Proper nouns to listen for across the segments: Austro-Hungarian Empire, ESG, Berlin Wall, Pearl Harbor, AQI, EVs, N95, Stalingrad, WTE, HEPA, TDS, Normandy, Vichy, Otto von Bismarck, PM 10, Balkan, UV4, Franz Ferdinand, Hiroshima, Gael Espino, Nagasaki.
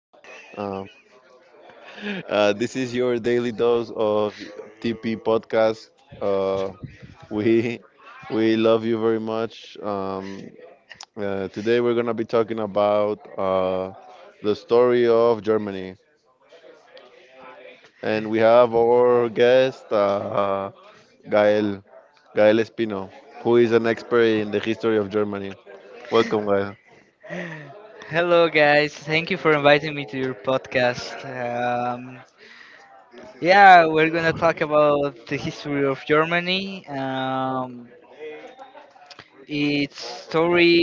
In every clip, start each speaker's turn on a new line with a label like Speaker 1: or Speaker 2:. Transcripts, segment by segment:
Speaker 1: Um, this is your daily dose of TP podcast. Uh, we we love you very much. Today we're gonna be talking about the story of Germany, and we have our guest Gael. Gael Espino, who is an expert in the history of Germany. Welcome, Gael.
Speaker 2: Hello, guys. Thank you for inviting me to your podcast. Yeah, we're gonna talk about the history of Germany. Its story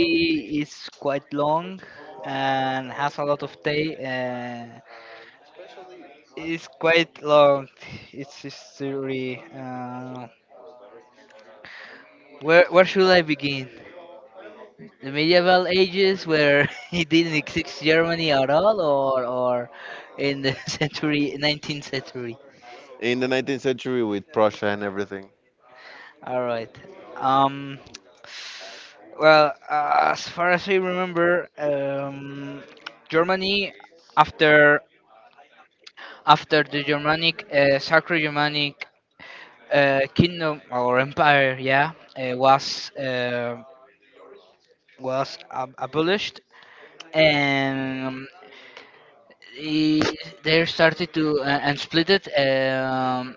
Speaker 2: is quite long and has a lot of day. It's quite long. Its history. Where should I begin? The medieval ages where it didn't exist Germany at all, or in the 19th century.
Speaker 1: In the 19th century with Prussia and everything.
Speaker 2: All right. Um. Well, as far as I remember, Germany after after the Germanic Sacro Germanic Kingdom or Empire, yeah, was abolished, and i- they started to and split it. Um,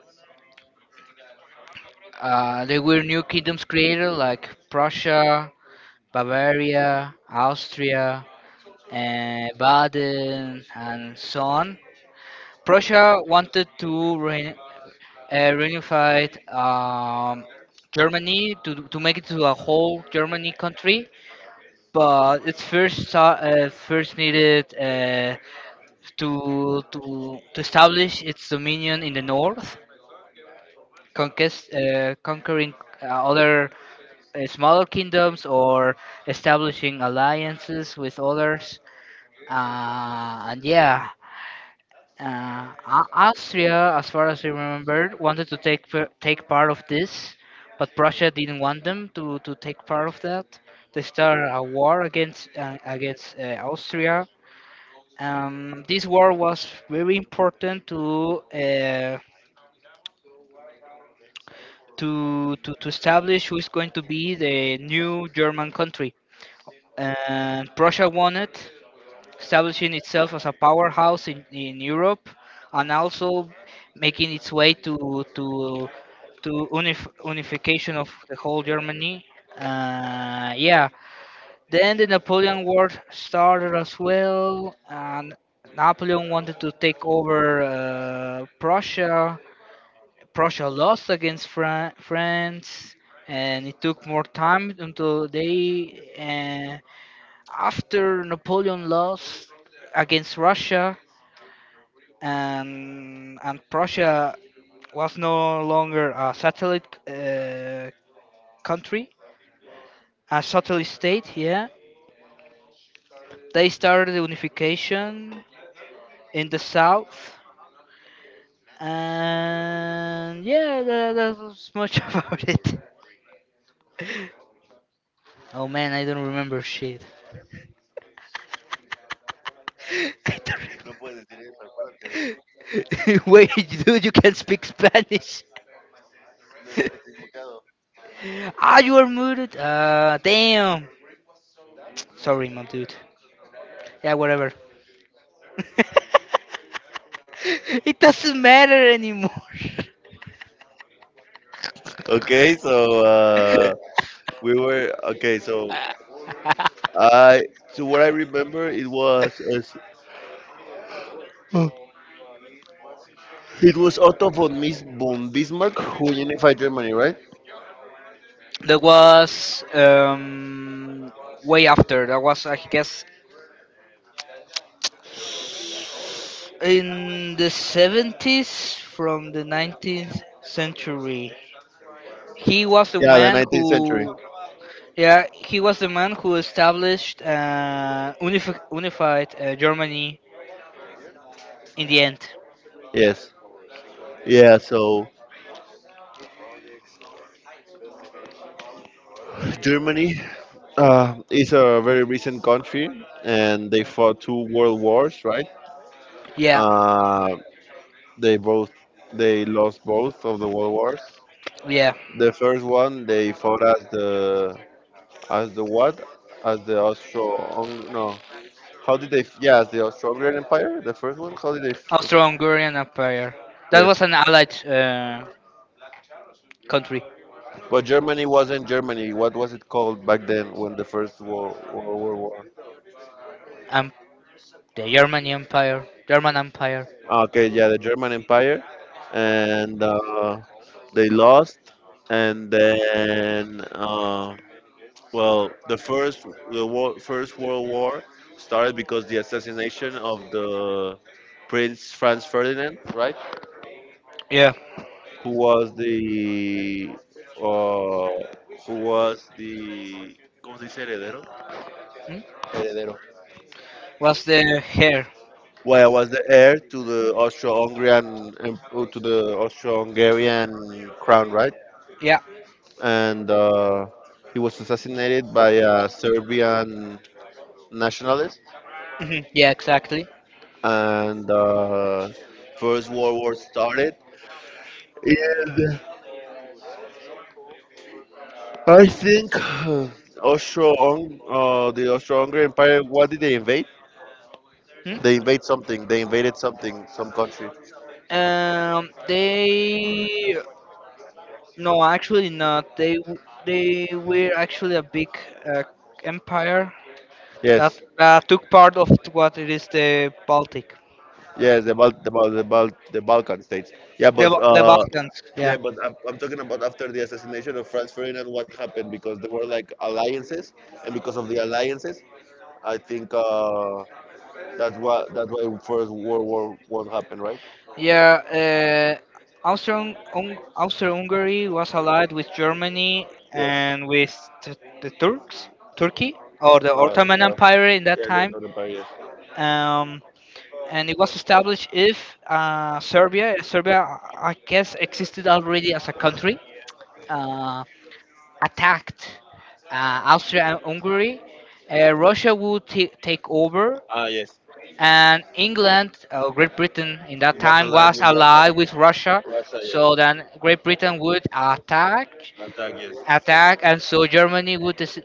Speaker 2: uh, there were new kingdoms created like Prussia, Bavaria, Austria, and Baden, and so on. Prussia wanted to reunify um, Germany to make it to a whole Germany country, but it first needed to establish its dominion in the north conquering other smaller kingdoms or establishing alliances with others. And yeah, Austria, as far as I remember, wanted to take part of this, but Prussia didn't want them to take part of that. They started a war against Austria. This war was very important to establish who is going to be the new German country. And Prussia won it, establishing itself as a powerhouse in Europe and also making its way to unification of the whole Germany. Yeah, then the Napoleon War started as well, and Napoleon wanted to take over Prussia. Prussia lost against France, and it took more time until after Napoleon lost against Russia, and Prussia was no longer a satellite country, a satellite state. Yeah, they started the unification in the south, and yeah, that was much about it. Oh man, I don't remember shit. I don't remember. Wait, dude, you can speak Spanish. Ah, you are muted. Ah, damn. Sorry, my dude. Yeah, whatever. It doesn't matter anymore.
Speaker 1: Okay, so we were okay. I, so what I remember, it was Otto von Bismarck who unified Germany, right?
Speaker 2: That was way after. That was, I guess, in the 70s from the 19th century, he was the
Speaker 1: Yeah, the
Speaker 2: man
Speaker 1: 19th century.
Speaker 2: who yeah, he was the man who established unified Germany in the end.
Speaker 1: Yes. Yeah, so Germany is a very recent country and they fought two world wars, right?
Speaker 2: Yeah,
Speaker 1: Uh, They both they lost both of the world wars.
Speaker 2: yeah.
Speaker 1: The first one they fought as the what? As the Austro, no. How did they? F- Yeah, as the Austro-Hungarian Empire. The first one. How did they? F- f-
Speaker 2: Austro-Hungarian Empire. That was
Speaker 1: Yes,
Speaker 2: an allied country.
Speaker 1: but Germany wasn't Germany. What was it called back then when the first world war?
Speaker 2: Um, the German Empire, German Empire.
Speaker 1: Okay, yeah, the German Empire, and they lost, and then, well, the first the war, first World War started because the assassination of the Prince Franz Ferdinand, right?
Speaker 2: Yeah.
Speaker 1: Who was the uh, who was the ¿cómo se dice heredero?
Speaker 2: Hmm?
Speaker 1: Heredero.
Speaker 2: Was the hair?
Speaker 1: Well, was the heir to the Austro-Hungarian crown, right?
Speaker 2: Yeah.
Speaker 1: And he was assassinated by a Serbian nationalist,
Speaker 2: Mhm. Yeah, exactly.
Speaker 1: and the First World War started. And I think uh, the Austro-Hungarian Empire, what did they invade? They
Speaker 2: Hmm?
Speaker 1: invade something. They invaded something, some country.
Speaker 2: They no, actually not. They were actually a big uh, empire that
Speaker 1: Yes,
Speaker 2: took part of what it is the Baltic,
Speaker 1: yes, the Balkan states. Yeah, but
Speaker 2: The Balkans. Yeah.
Speaker 1: yeah, but I'm talking about after the assassination of Franz Ferdinand, what happened? Because there were like alliances, and because of the alliances, I think that's why First World War One happened, right?
Speaker 2: Yeah, Austria Hungary was allied with Germany
Speaker 1: Yes.
Speaker 2: and with t- the Turks, Turkey, or the Ottoman
Speaker 1: Yeah,
Speaker 2: Empire in that
Speaker 1: yeah, the,
Speaker 2: time.
Speaker 1: the, the barriers.
Speaker 2: Um, and it was established if Serbia, I guess, existed already as a country, uh, attacked uh, Austria and Hungary. Russia would take over,
Speaker 1: Ah, yes.
Speaker 2: and England or Great Britain in that
Speaker 1: It was
Speaker 2: time
Speaker 1: allied
Speaker 2: was
Speaker 1: with Russia.
Speaker 2: allied with Russia,
Speaker 1: Russia, yes.
Speaker 2: so then Great Britain would attack,
Speaker 1: Attack, yes.
Speaker 2: attack, and so Germany would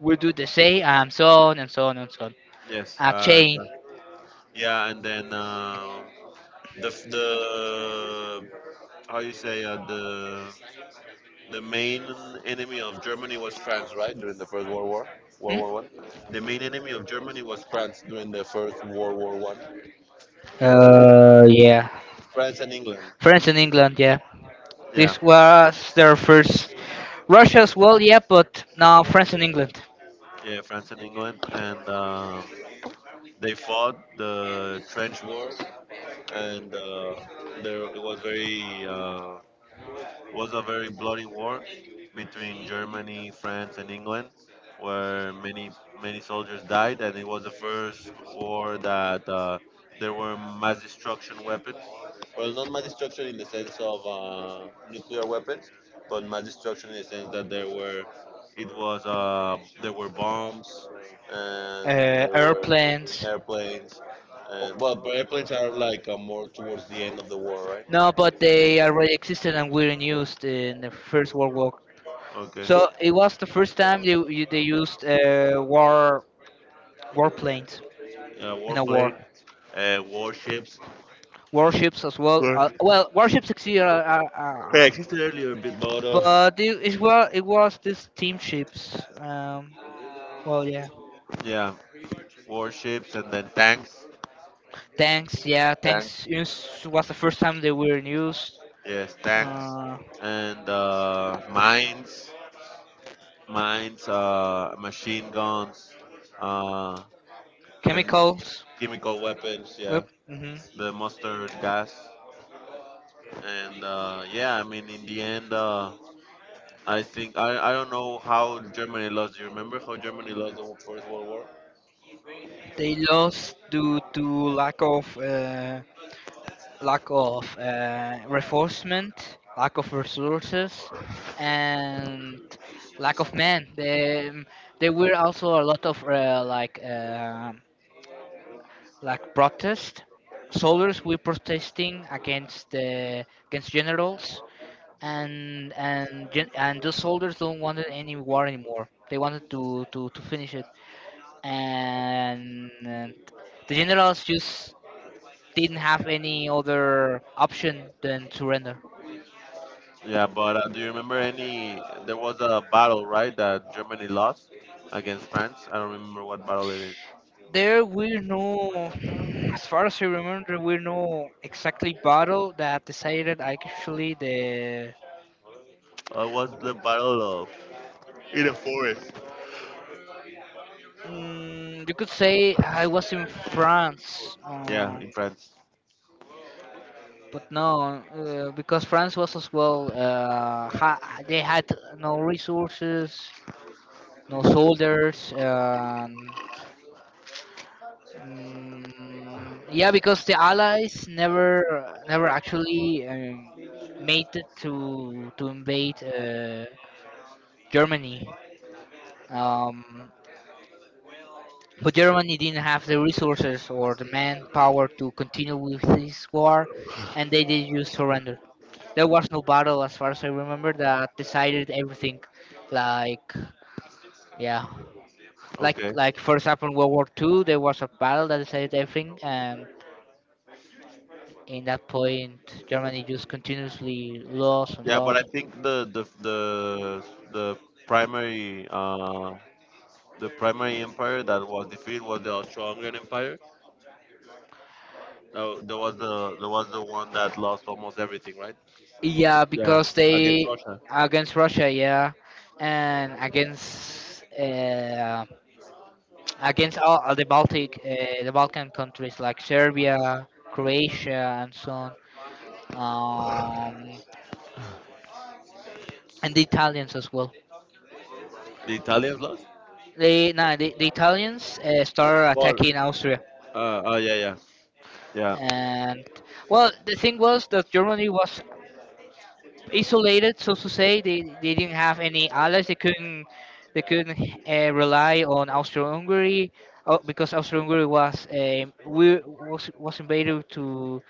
Speaker 2: would do the same, and so on and so on and so on.
Speaker 1: Yes.
Speaker 2: A chain.
Speaker 1: Yeah, and then the how you say the main enemy of Germany was France, right? During the First World War, World
Speaker 2: Hmm?
Speaker 1: War One. The main enemy of Germany was France during the First World War One.
Speaker 2: Yeah,
Speaker 1: France and England.
Speaker 2: France and England. Yeah,
Speaker 1: Yeah,
Speaker 2: this was their first. Russia as well, yeah, but now France and England.
Speaker 1: yeah, France and England, and they fought the trench war, and there it was very was a very bloody war between Germany, France, and England, where many soldiers died, and it was the first war that there were mass destruction weapons. Well, not mass destruction in the sense of nuclear weapons, but mass destruction in the sense that it was uh, there were bombs and
Speaker 2: Uh,
Speaker 1: there were
Speaker 2: airplanes.
Speaker 1: airplanes, and well, but airplanes are like more towards the end of the war, right?
Speaker 2: No, but they already existed and were in use in the First World War.
Speaker 1: Okay.
Speaker 2: So it was the first time they used warplanes in a war.
Speaker 1: Warplane. Warships.
Speaker 2: Warships as well.
Speaker 1: War-
Speaker 2: Well, warships exist,
Speaker 1: they existed earlier, but
Speaker 2: but it was this team ships. Yeah,
Speaker 1: yeah, warships and then tanks.
Speaker 2: tanks. Yeah,
Speaker 1: Tanks.
Speaker 2: tanks was the first time they were in use.
Speaker 1: Yes, tanks
Speaker 2: Uh,
Speaker 1: and mines, machine guns, uh, and
Speaker 2: chemicals.
Speaker 1: chemical weapons. Yeah,
Speaker 2: Well, mhm.
Speaker 1: the mustard gas. And yeah, I mean, in the end, I think I don't know how Germany lost. Do you remember how Germany lost the First World War?
Speaker 2: They lost due to lack of uh, lack of reinforcement, lack of resources, and lack of men. There were also a lot of like protest. Soldiers were protesting against generals, and the soldiers don't wanted any war anymore. They wanted to finish it, and the generals just didn't have any other option than surrender.
Speaker 1: Yeah, but do you remember any? There was a battle, right, that Germany lost against France. I don't remember what battle it is.
Speaker 2: There were no, as far as I remember, there were no exactly battle that decided actually the.
Speaker 1: Oh, it was the battle of. In a forest.
Speaker 2: You could say I was in France,
Speaker 1: Yeah, in France.
Speaker 2: but no, because France was as well. They had no resources, no soldiers. Yeah, because the Allies never actually made it to invade. Germany. Um, but Germany didn't have the resources or the manpower to continue with this war, and they did just surrender. There was no battle, as far as I remember, that decided everything. Like, yeah, like
Speaker 1: Okay.
Speaker 2: like for example, World War Two, there was a battle that decided everything, and in that point, Germany just continuously lost and
Speaker 1: Yeah, but I
Speaker 2: lost.
Speaker 1: think the primary empire that was defeated was the Austro-Hungarian Empire. There was the one that lost almost everything, right?
Speaker 2: Yeah,
Speaker 1: Yeah,
Speaker 2: because
Speaker 1: against
Speaker 2: they
Speaker 1: Russia.
Speaker 2: against Russia, yeah, and against all the the Balkan countries like Serbia, Croatia, and so on, um, and the Italians as well.
Speaker 1: The Italians lost.
Speaker 2: They Nah, the Italians started
Speaker 1: Or
Speaker 2: attacking Austria,
Speaker 1: oh, yeah, yeah, yeah,
Speaker 2: and well, the thing was that Germany was isolated, so to say. They didn't have any allies. They couldn't rely on Austria Hungary, because Austria Hungary was we was invaded to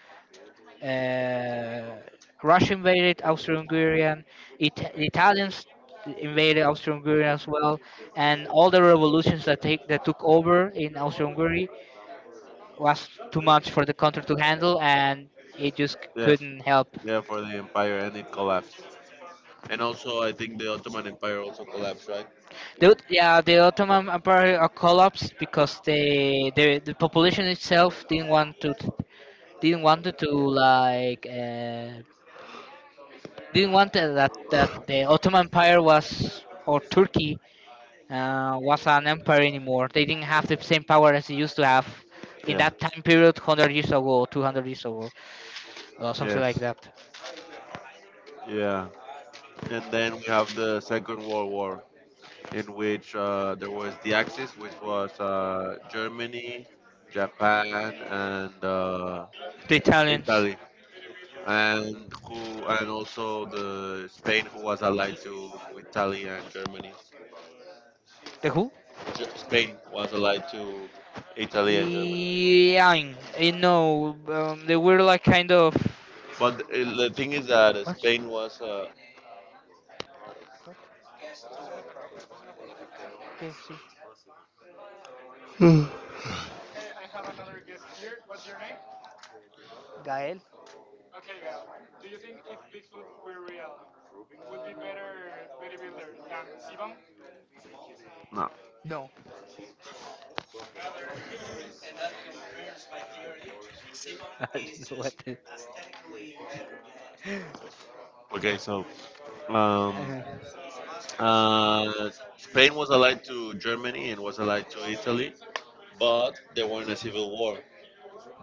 Speaker 2: Uh, Russia invaded Austro-Hungarian. The Italians invaded Austro-Hungary as well, and all the revolutions that take that took over in Austro-Hungary was too much for the country to handle, and it just
Speaker 1: yeah.
Speaker 2: couldn't help.
Speaker 1: Yeah, for the empire, and it collapsed. And also, I think the Ottoman Empire also collapsed, right?
Speaker 2: The Ottoman Empire collapsed because the population itself didn't want to didn't want to like uh, didn't want that the Ottoman Empire was or Turkey was an empire anymore. They didn't have the same power as they used to have in
Speaker 1: Yeah.
Speaker 2: that time period, 100 years ago, 200 years ago, or something like
Speaker 1: Yes.
Speaker 2: that.
Speaker 1: Yeah. And then we have the Second World War, in which there was the Axis, which was Germany, Japan, and
Speaker 2: The Italians.
Speaker 1: Italy, and who, and also the Spain, who was allied to Italy and Germany.
Speaker 2: The who?
Speaker 1: Spain was allied to Italy and Germany.
Speaker 2: Yeah, I know. They were like kind of.
Speaker 1: But the thing is that Spain was
Speaker 2: What? Okay, see. Gael?
Speaker 1: no.
Speaker 2: No. I don't know what.
Speaker 1: Okay, so um,
Speaker 2: Uh-huh.
Speaker 1: uh, Spain was allied to Germany and was allied to Italy, but they were in a civil war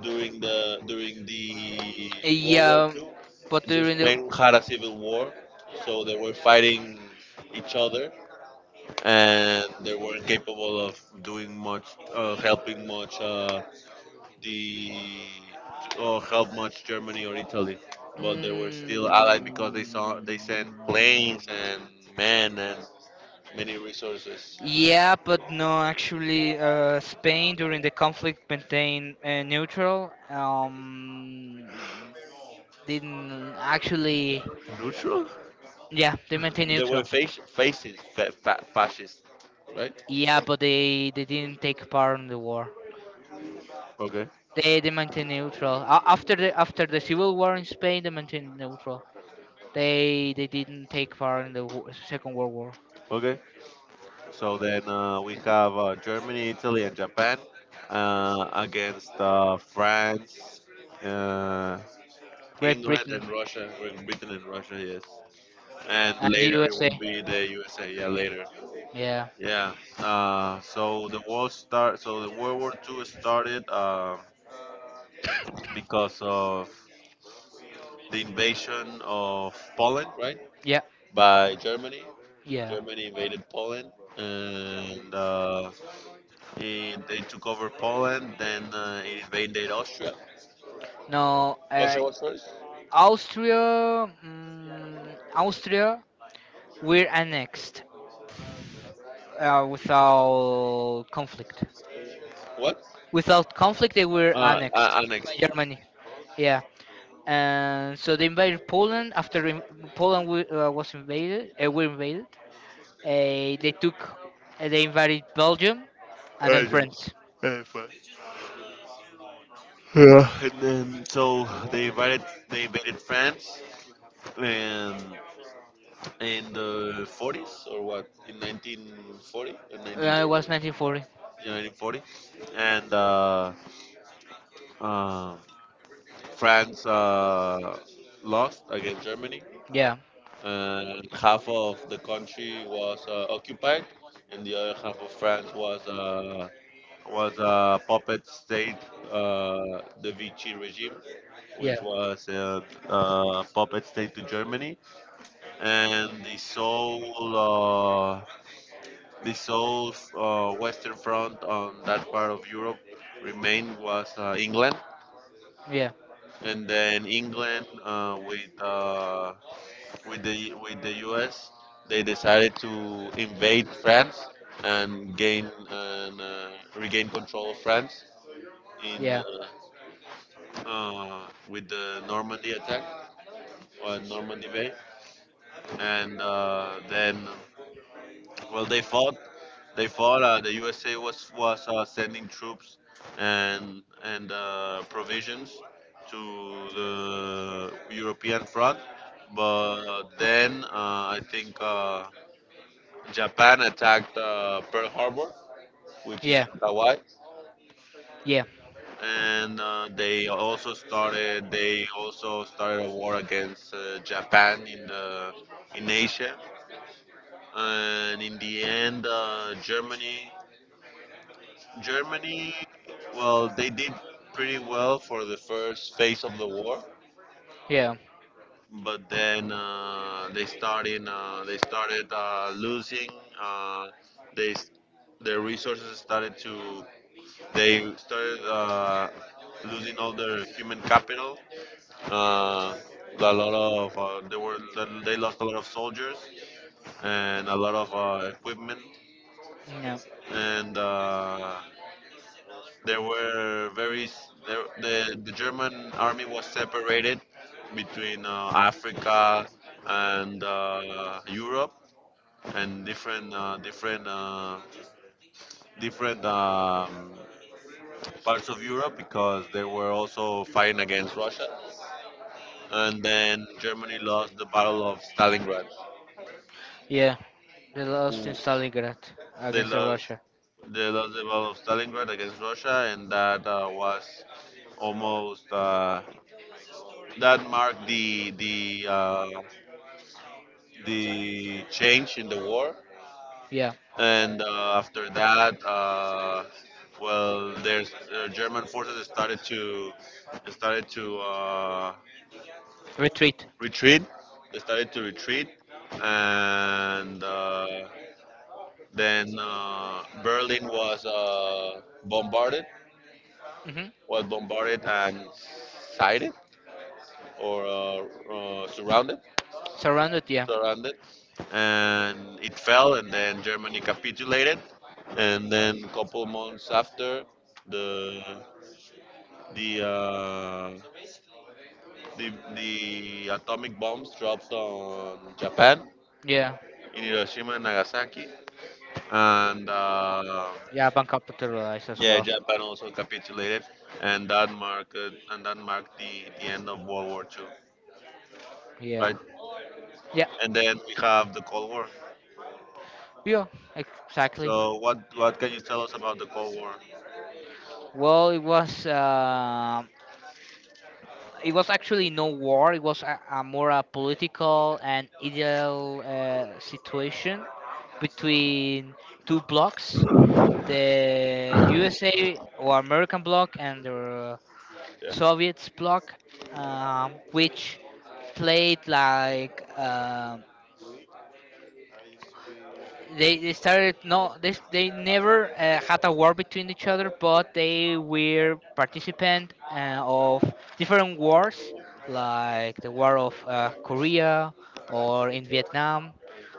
Speaker 1: during the World
Speaker 2: Yeah,
Speaker 1: War
Speaker 2: um,
Speaker 1: Two.
Speaker 2: but
Speaker 1: Just
Speaker 2: during
Speaker 1: Spain had a civil war, so they were fighting each other, and they weren't capable of doing much, helping much, the oh how much Germany or Italy, but they were still allied because they saw they sent planes and men and many resources.
Speaker 2: but no, actually, Spain during the conflict maintained neutral. Didn't actually,
Speaker 1: Neutral?
Speaker 2: yeah, they maintained
Speaker 1: They were
Speaker 2: neutral.
Speaker 1: facing fascists, right?
Speaker 2: Yeah, but they didn't take part in the war.
Speaker 1: Okay,
Speaker 2: They maintain neutral after the civil war in Spain. They maintained neutral. They didn't take part in the Second World War.
Speaker 1: okay. So then we have Germany, Italy, and Japan against France, uh,
Speaker 2: Great
Speaker 1: England,
Speaker 2: Britain
Speaker 1: and Russia. Great Britain and Russia, yes. And
Speaker 2: and the
Speaker 1: later it
Speaker 2: USA.
Speaker 1: would be the USA. Yeah, later.
Speaker 2: Yeah,
Speaker 1: Yeah. So the World War II started because of the invasion of Poland, right?
Speaker 2: yeah,
Speaker 1: By Germany.
Speaker 2: yeah.
Speaker 1: Germany invaded Poland, and they took over Poland. Then it invaded Austria.
Speaker 2: No,
Speaker 1: Austria was first.
Speaker 2: Austria, we're annexed without conflict.
Speaker 1: What?
Speaker 2: Without conflict, they were annexed.
Speaker 1: Annexed.
Speaker 2: Germany, yeah. And so they invaded Poland after Poland was invaded. Were invaded. They took. They invaded Belgium, and then France.
Speaker 1: Yeah. Fine. Yeah. And then so they invaded France, and in the 40s, or what, in 1940 or
Speaker 2: It
Speaker 1: 1930,
Speaker 2: was 1940?
Speaker 1: yeah, 1940, and uh, France lost against Germany,
Speaker 2: Yeah,
Speaker 1: and half of the country was occupied, and the other half of France was a puppet state, the Vichy regime,
Speaker 2: yeah,
Speaker 1: which was puppet state to Germany, and the sole Western front on that part of Europe remained was England,
Speaker 2: yeah,
Speaker 1: and then England with with the U.S. They decided to invade France and gain and regain control of France in
Speaker 2: yeah,
Speaker 1: uh, with the Normandy attack on Normandy Bay, and then well, they fought. They fought. The USA was sending troops and provisions to the European front, but then I think Japan attacked Pearl Harbor, which is
Speaker 2: yeah,
Speaker 1: in Hawaii,
Speaker 2: yeah,
Speaker 1: and They also started a war against Japan in Asia, and in the end, Germany, well, they did pretty well for the first phase of the war,
Speaker 2: yeah,
Speaker 1: but then they started losing. Uh, they s- their resources started to, they started losing all their human capital. Uh, a lot of they lost a lot of soldiers and a lot of equipment.
Speaker 2: yeah,
Speaker 1: And. There were very s- there, The German army was separated between Africa and Europe and different parts of Europe because they were also fighting against Russia. And then Germany lost the Battle of Stalingrad.
Speaker 2: yeah. They lost in
Speaker 1: Who
Speaker 2: Stalingrad
Speaker 1: they
Speaker 2: against the
Speaker 1: lost
Speaker 2: Russia.
Speaker 1: they lost the Battle of Stalingrad against Russia, and that was almost that marked the change in the war,
Speaker 2: Yeah,
Speaker 1: and after that, well, there's German forces started to
Speaker 2: retreat.
Speaker 1: retreat. They started to retreat, and then Berlin was bombarded,
Speaker 2: Hmm.
Speaker 1: and sighted, or surrounded
Speaker 2: Surrounded. Yeah,
Speaker 1: surrounded, and it fell, and then Germany capitulated, and then couple months after, the the uh, the atomic bombs dropped on Japan
Speaker 2: yeah.
Speaker 1: in Hiroshima and Nagasaki. And
Speaker 2: Yeah, Japan capitalized as
Speaker 1: yeah,
Speaker 2: well.
Speaker 1: Japan also capitulated, and that marked the end of World War II,
Speaker 2: Yeah.
Speaker 1: right?
Speaker 2: Yeah.
Speaker 1: And then we have the Cold War.
Speaker 2: Yeah. Exactly.
Speaker 1: So what can you tell us about the Cold War?
Speaker 2: Well, it was actually no war. It was a more a political and ideal situation between two blocks, the USA or American bloc and the Soviets bloc, which played like, they started no, they never had a war between each other, but they were participant of different wars like the war of Korea or in Vietnam,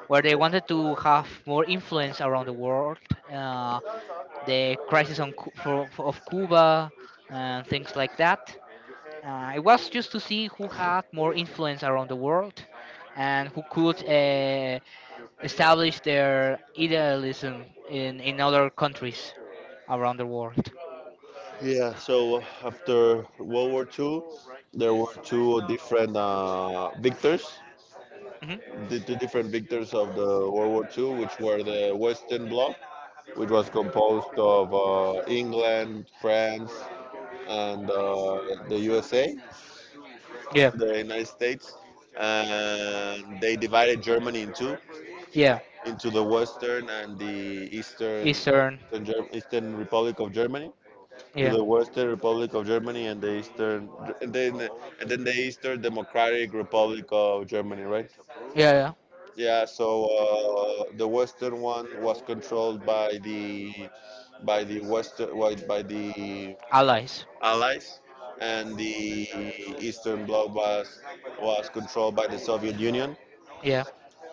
Speaker 2: where they
Speaker 1: Yeah.
Speaker 2: wanted to have more influence around the world. Uh, the crisis on Cu- for, of Cuba and things like that. It was just to see who had more influence around the world and who could establish their idealism in other countries around the world.
Speaker 1: Yeah, so after World War II, there were two different victors,
Speaker 2: Hmm.
Speaker 1: the two different victors of the World War II, which were the Western Bloc, which was composed of England, France, and the USA,
Speaker 2: Yeah,
Speaker 1: the United States, and they divided Germany in two,
Speaker 2: yeah.
Speaker 1: into the Western and the Eastern,
Speaker 2: Eastern.
Speaker 1: Eastern Republic of Germany, to
Speaker 2: Yeah.
Speaker 1: the Western Republic of Germany and the Eastern, and then the Eastern Democratic Republic of Germany, right?
Speaker 2: Yeah, yeah.
Speaker 1: Yeah. So the Western one was controlled by the
Speaker 2: Allies.
Speaker 1: Allies, and the Eastern Bloc was controlled by the Soviet Union.
Speaker 2: Yeah,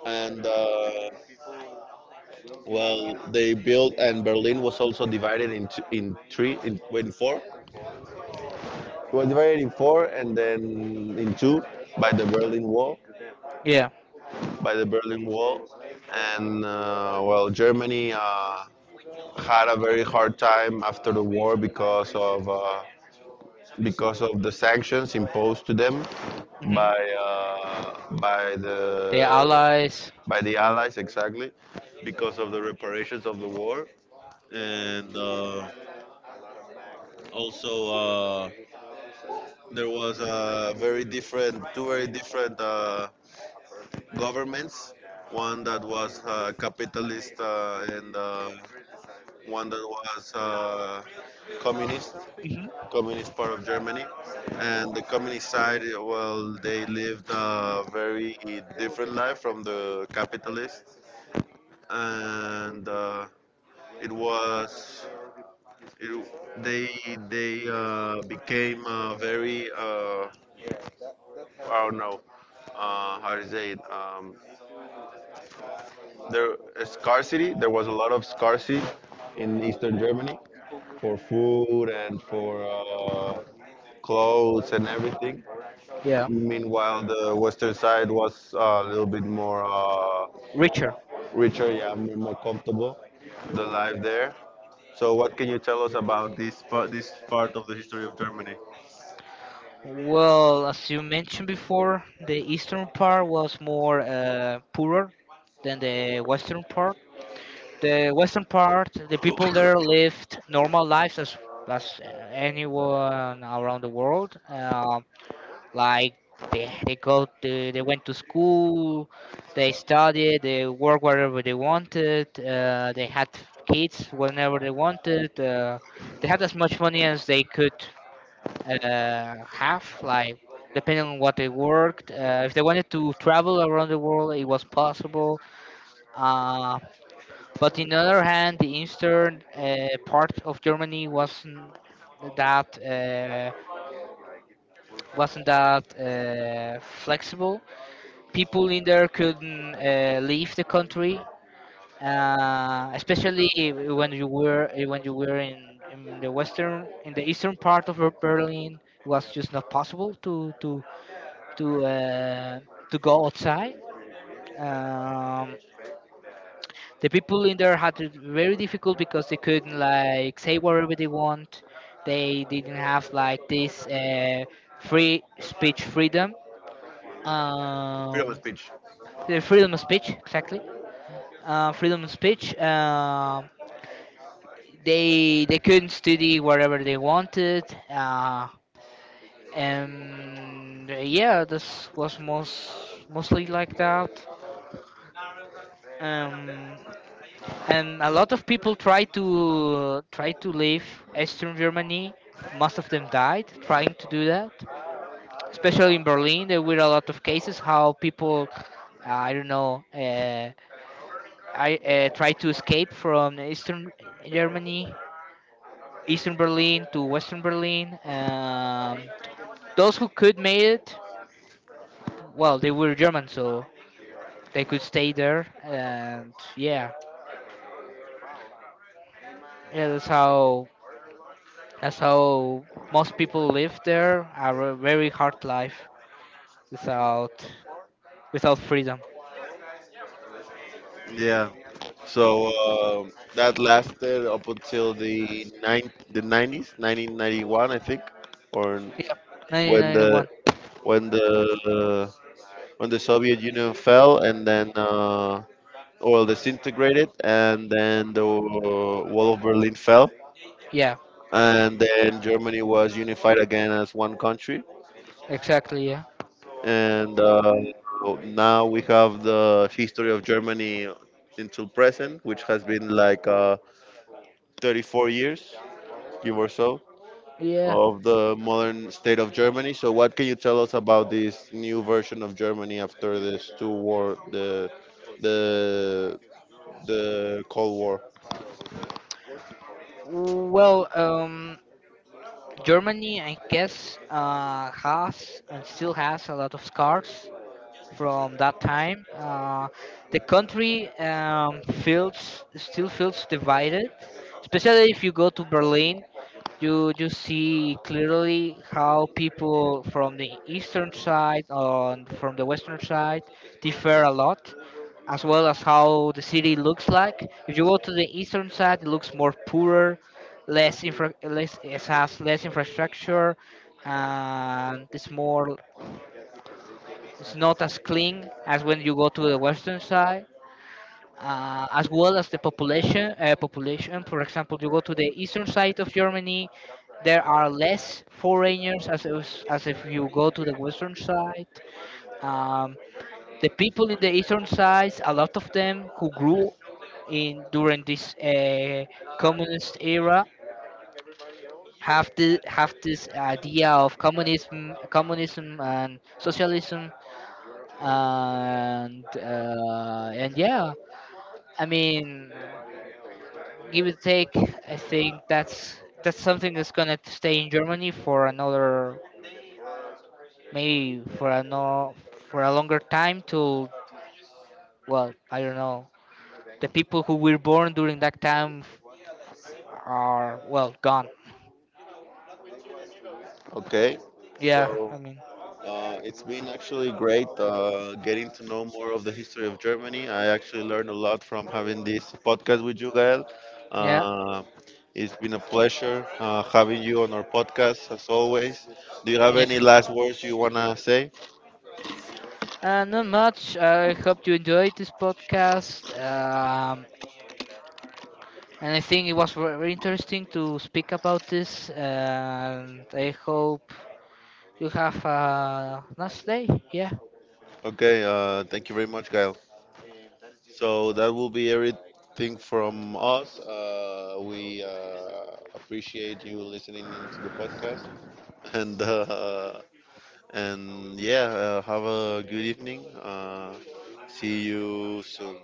Speaker 1: And well, they built, and Berlin was also divided in two, in three, in four. It was divided in four and then in two by the Berlin Wall,
Speaker 2: yeah.
Speaker 1: by the Berlin Wall, and well, Germany had a very hard time after the war because of the sanctions imposed to them
Speaker 2: Hmm.
Speaker 1: by uh, by
Speaker 2: The
Speaker 1: the
Speaker 2: allies.
Speaker 1: by the Allies, exactly, because of the reparations of the war, and also, there was a very different two very different. Governments, one that was capitalist, and one that was communist,
Speaker 2: Hmm.
Speaker 1: communist part of Germany. And the communist side, well, they lived a very different life from the capitalist, and it was it, they they became very, I don't know how to say it. There a scarcity. There was a lot of scarcity in Eastern Germany for food and for clothes and everything.
Speaker 2: Yeah,
Speaker 1: Meanwhile, the Western side was a little bit more
Speaker 2: richer.
Speaker 1: richer. Yeah, more comfortable. The life there. So, what can you tell us about this part of the history of Germany?
Speaker 2: Well, as you mentioned before, the eastern part was more poorer than the western part. The western part, the people there lived normal lives as anyone around the world. Like, they they went to school, they studied, they worked wherever they wanted. They had kids whenever they wanted. They had as much money as they could have. Like depending on what they worked. If they wanted to travel around the world, it was possible. Uh, but on the other hand, the eastern part of Germany that uh, wasn't that flexible. People in there couldn't leave the country, especially when you were in the eastern part of Berlin. It was just not possible to uh, to go outside. Um, the people in there had it very difficult because they couldn't like say whatever they want. They didn't have like this free speech freedom.
Speaker 1: Freedom of
Speaker 2: Um,
Speaker 1: speech.
Speaker 2: the freedom of speech, exactly. Freedom of speech. They couldn't study whatever they wanted, and yeah, this was mostly like that. Um, and a lot of people tried to try to leave Eastern Germany. Most of them died trying to do that. Especially in Berlin, there were a lot of cases how people, I don't know, I tried to escape from Germany Eastern Berlin to Western Berlin. Those who could made it, well, they were German, so they could stay there. And yeah, yeah, that's how most people live there. A very hard life without without freedom.
Speaker 1: Yeah. So that lasted up until the 90s, 1991, I think, or
Speaker 2: Yep,
Speaker 1: when the
Speaker 2: 1991.
Speaker 1: when the when the Soviet Union fell and then well, disintegrated, and then the Wall of Berlin fell,
Speaker 2: Yeah,
Speaker 1: and then Germany was unified again as one country.
Speaker 2: exactly. Yeah,
Speaker 1: And now we have the history of Germany until present, which has been like 34 years, give or so,
Speaker 2: yeah.
Speaker 1: of the modern state of Germany. So, what can you tell us about this new version of Germany after this two war, the the Cold War?
Speaker 2: Well, Germany, I guess, has and still has a lot of scars from that time. The country feels still feels divided, especially if you go to Berlin. You see clearly how people from the eastern side and from the western side differ a lot, as well as how the city looks like. If you go to the eastern side, it looks more poorer, less it has less infrastructure, and it's not as clean as when you go to the western side, as well as the population. Population, for example, you go to the eastern side of Germany, there are less foreigners as if, you go to the western side. Um, the people in the eastern side, a lot of them who grew in during this communist era have this idea of communism and socialism and yeah, I mean, give and take. I think that's something that's gonna stay in Germany for another maybe for a no for a longer time, till, well, I don't know, the people who were born during that time are well gone.
Speaker 1: Okay,
Speaker 2: Yeah, I
Speaker 1: so
Speaker 2: mean,
Speaker 1: it's been actually great, getting to know more of the history of Germany. I actually learned a lot from having this podcast with you, Gael.
Speaker 2: yeah,
Speaker 1: Uh, it's been a pleasure having you on our podcast as always. Do you have any
Speaker 2: yeah.
Speaker 1: last words you want to say?
Speaker 2: Not much. I hope you enjoyed this podcast. And I think it was very interesting to speak about this. And I hope you have a nice day. Yeah.
Speaker 1: Okay, thank you very much, Gail. So that will be everything from us. We appreciate you listening into the podcast, and yeah, have a good evening. See you soon.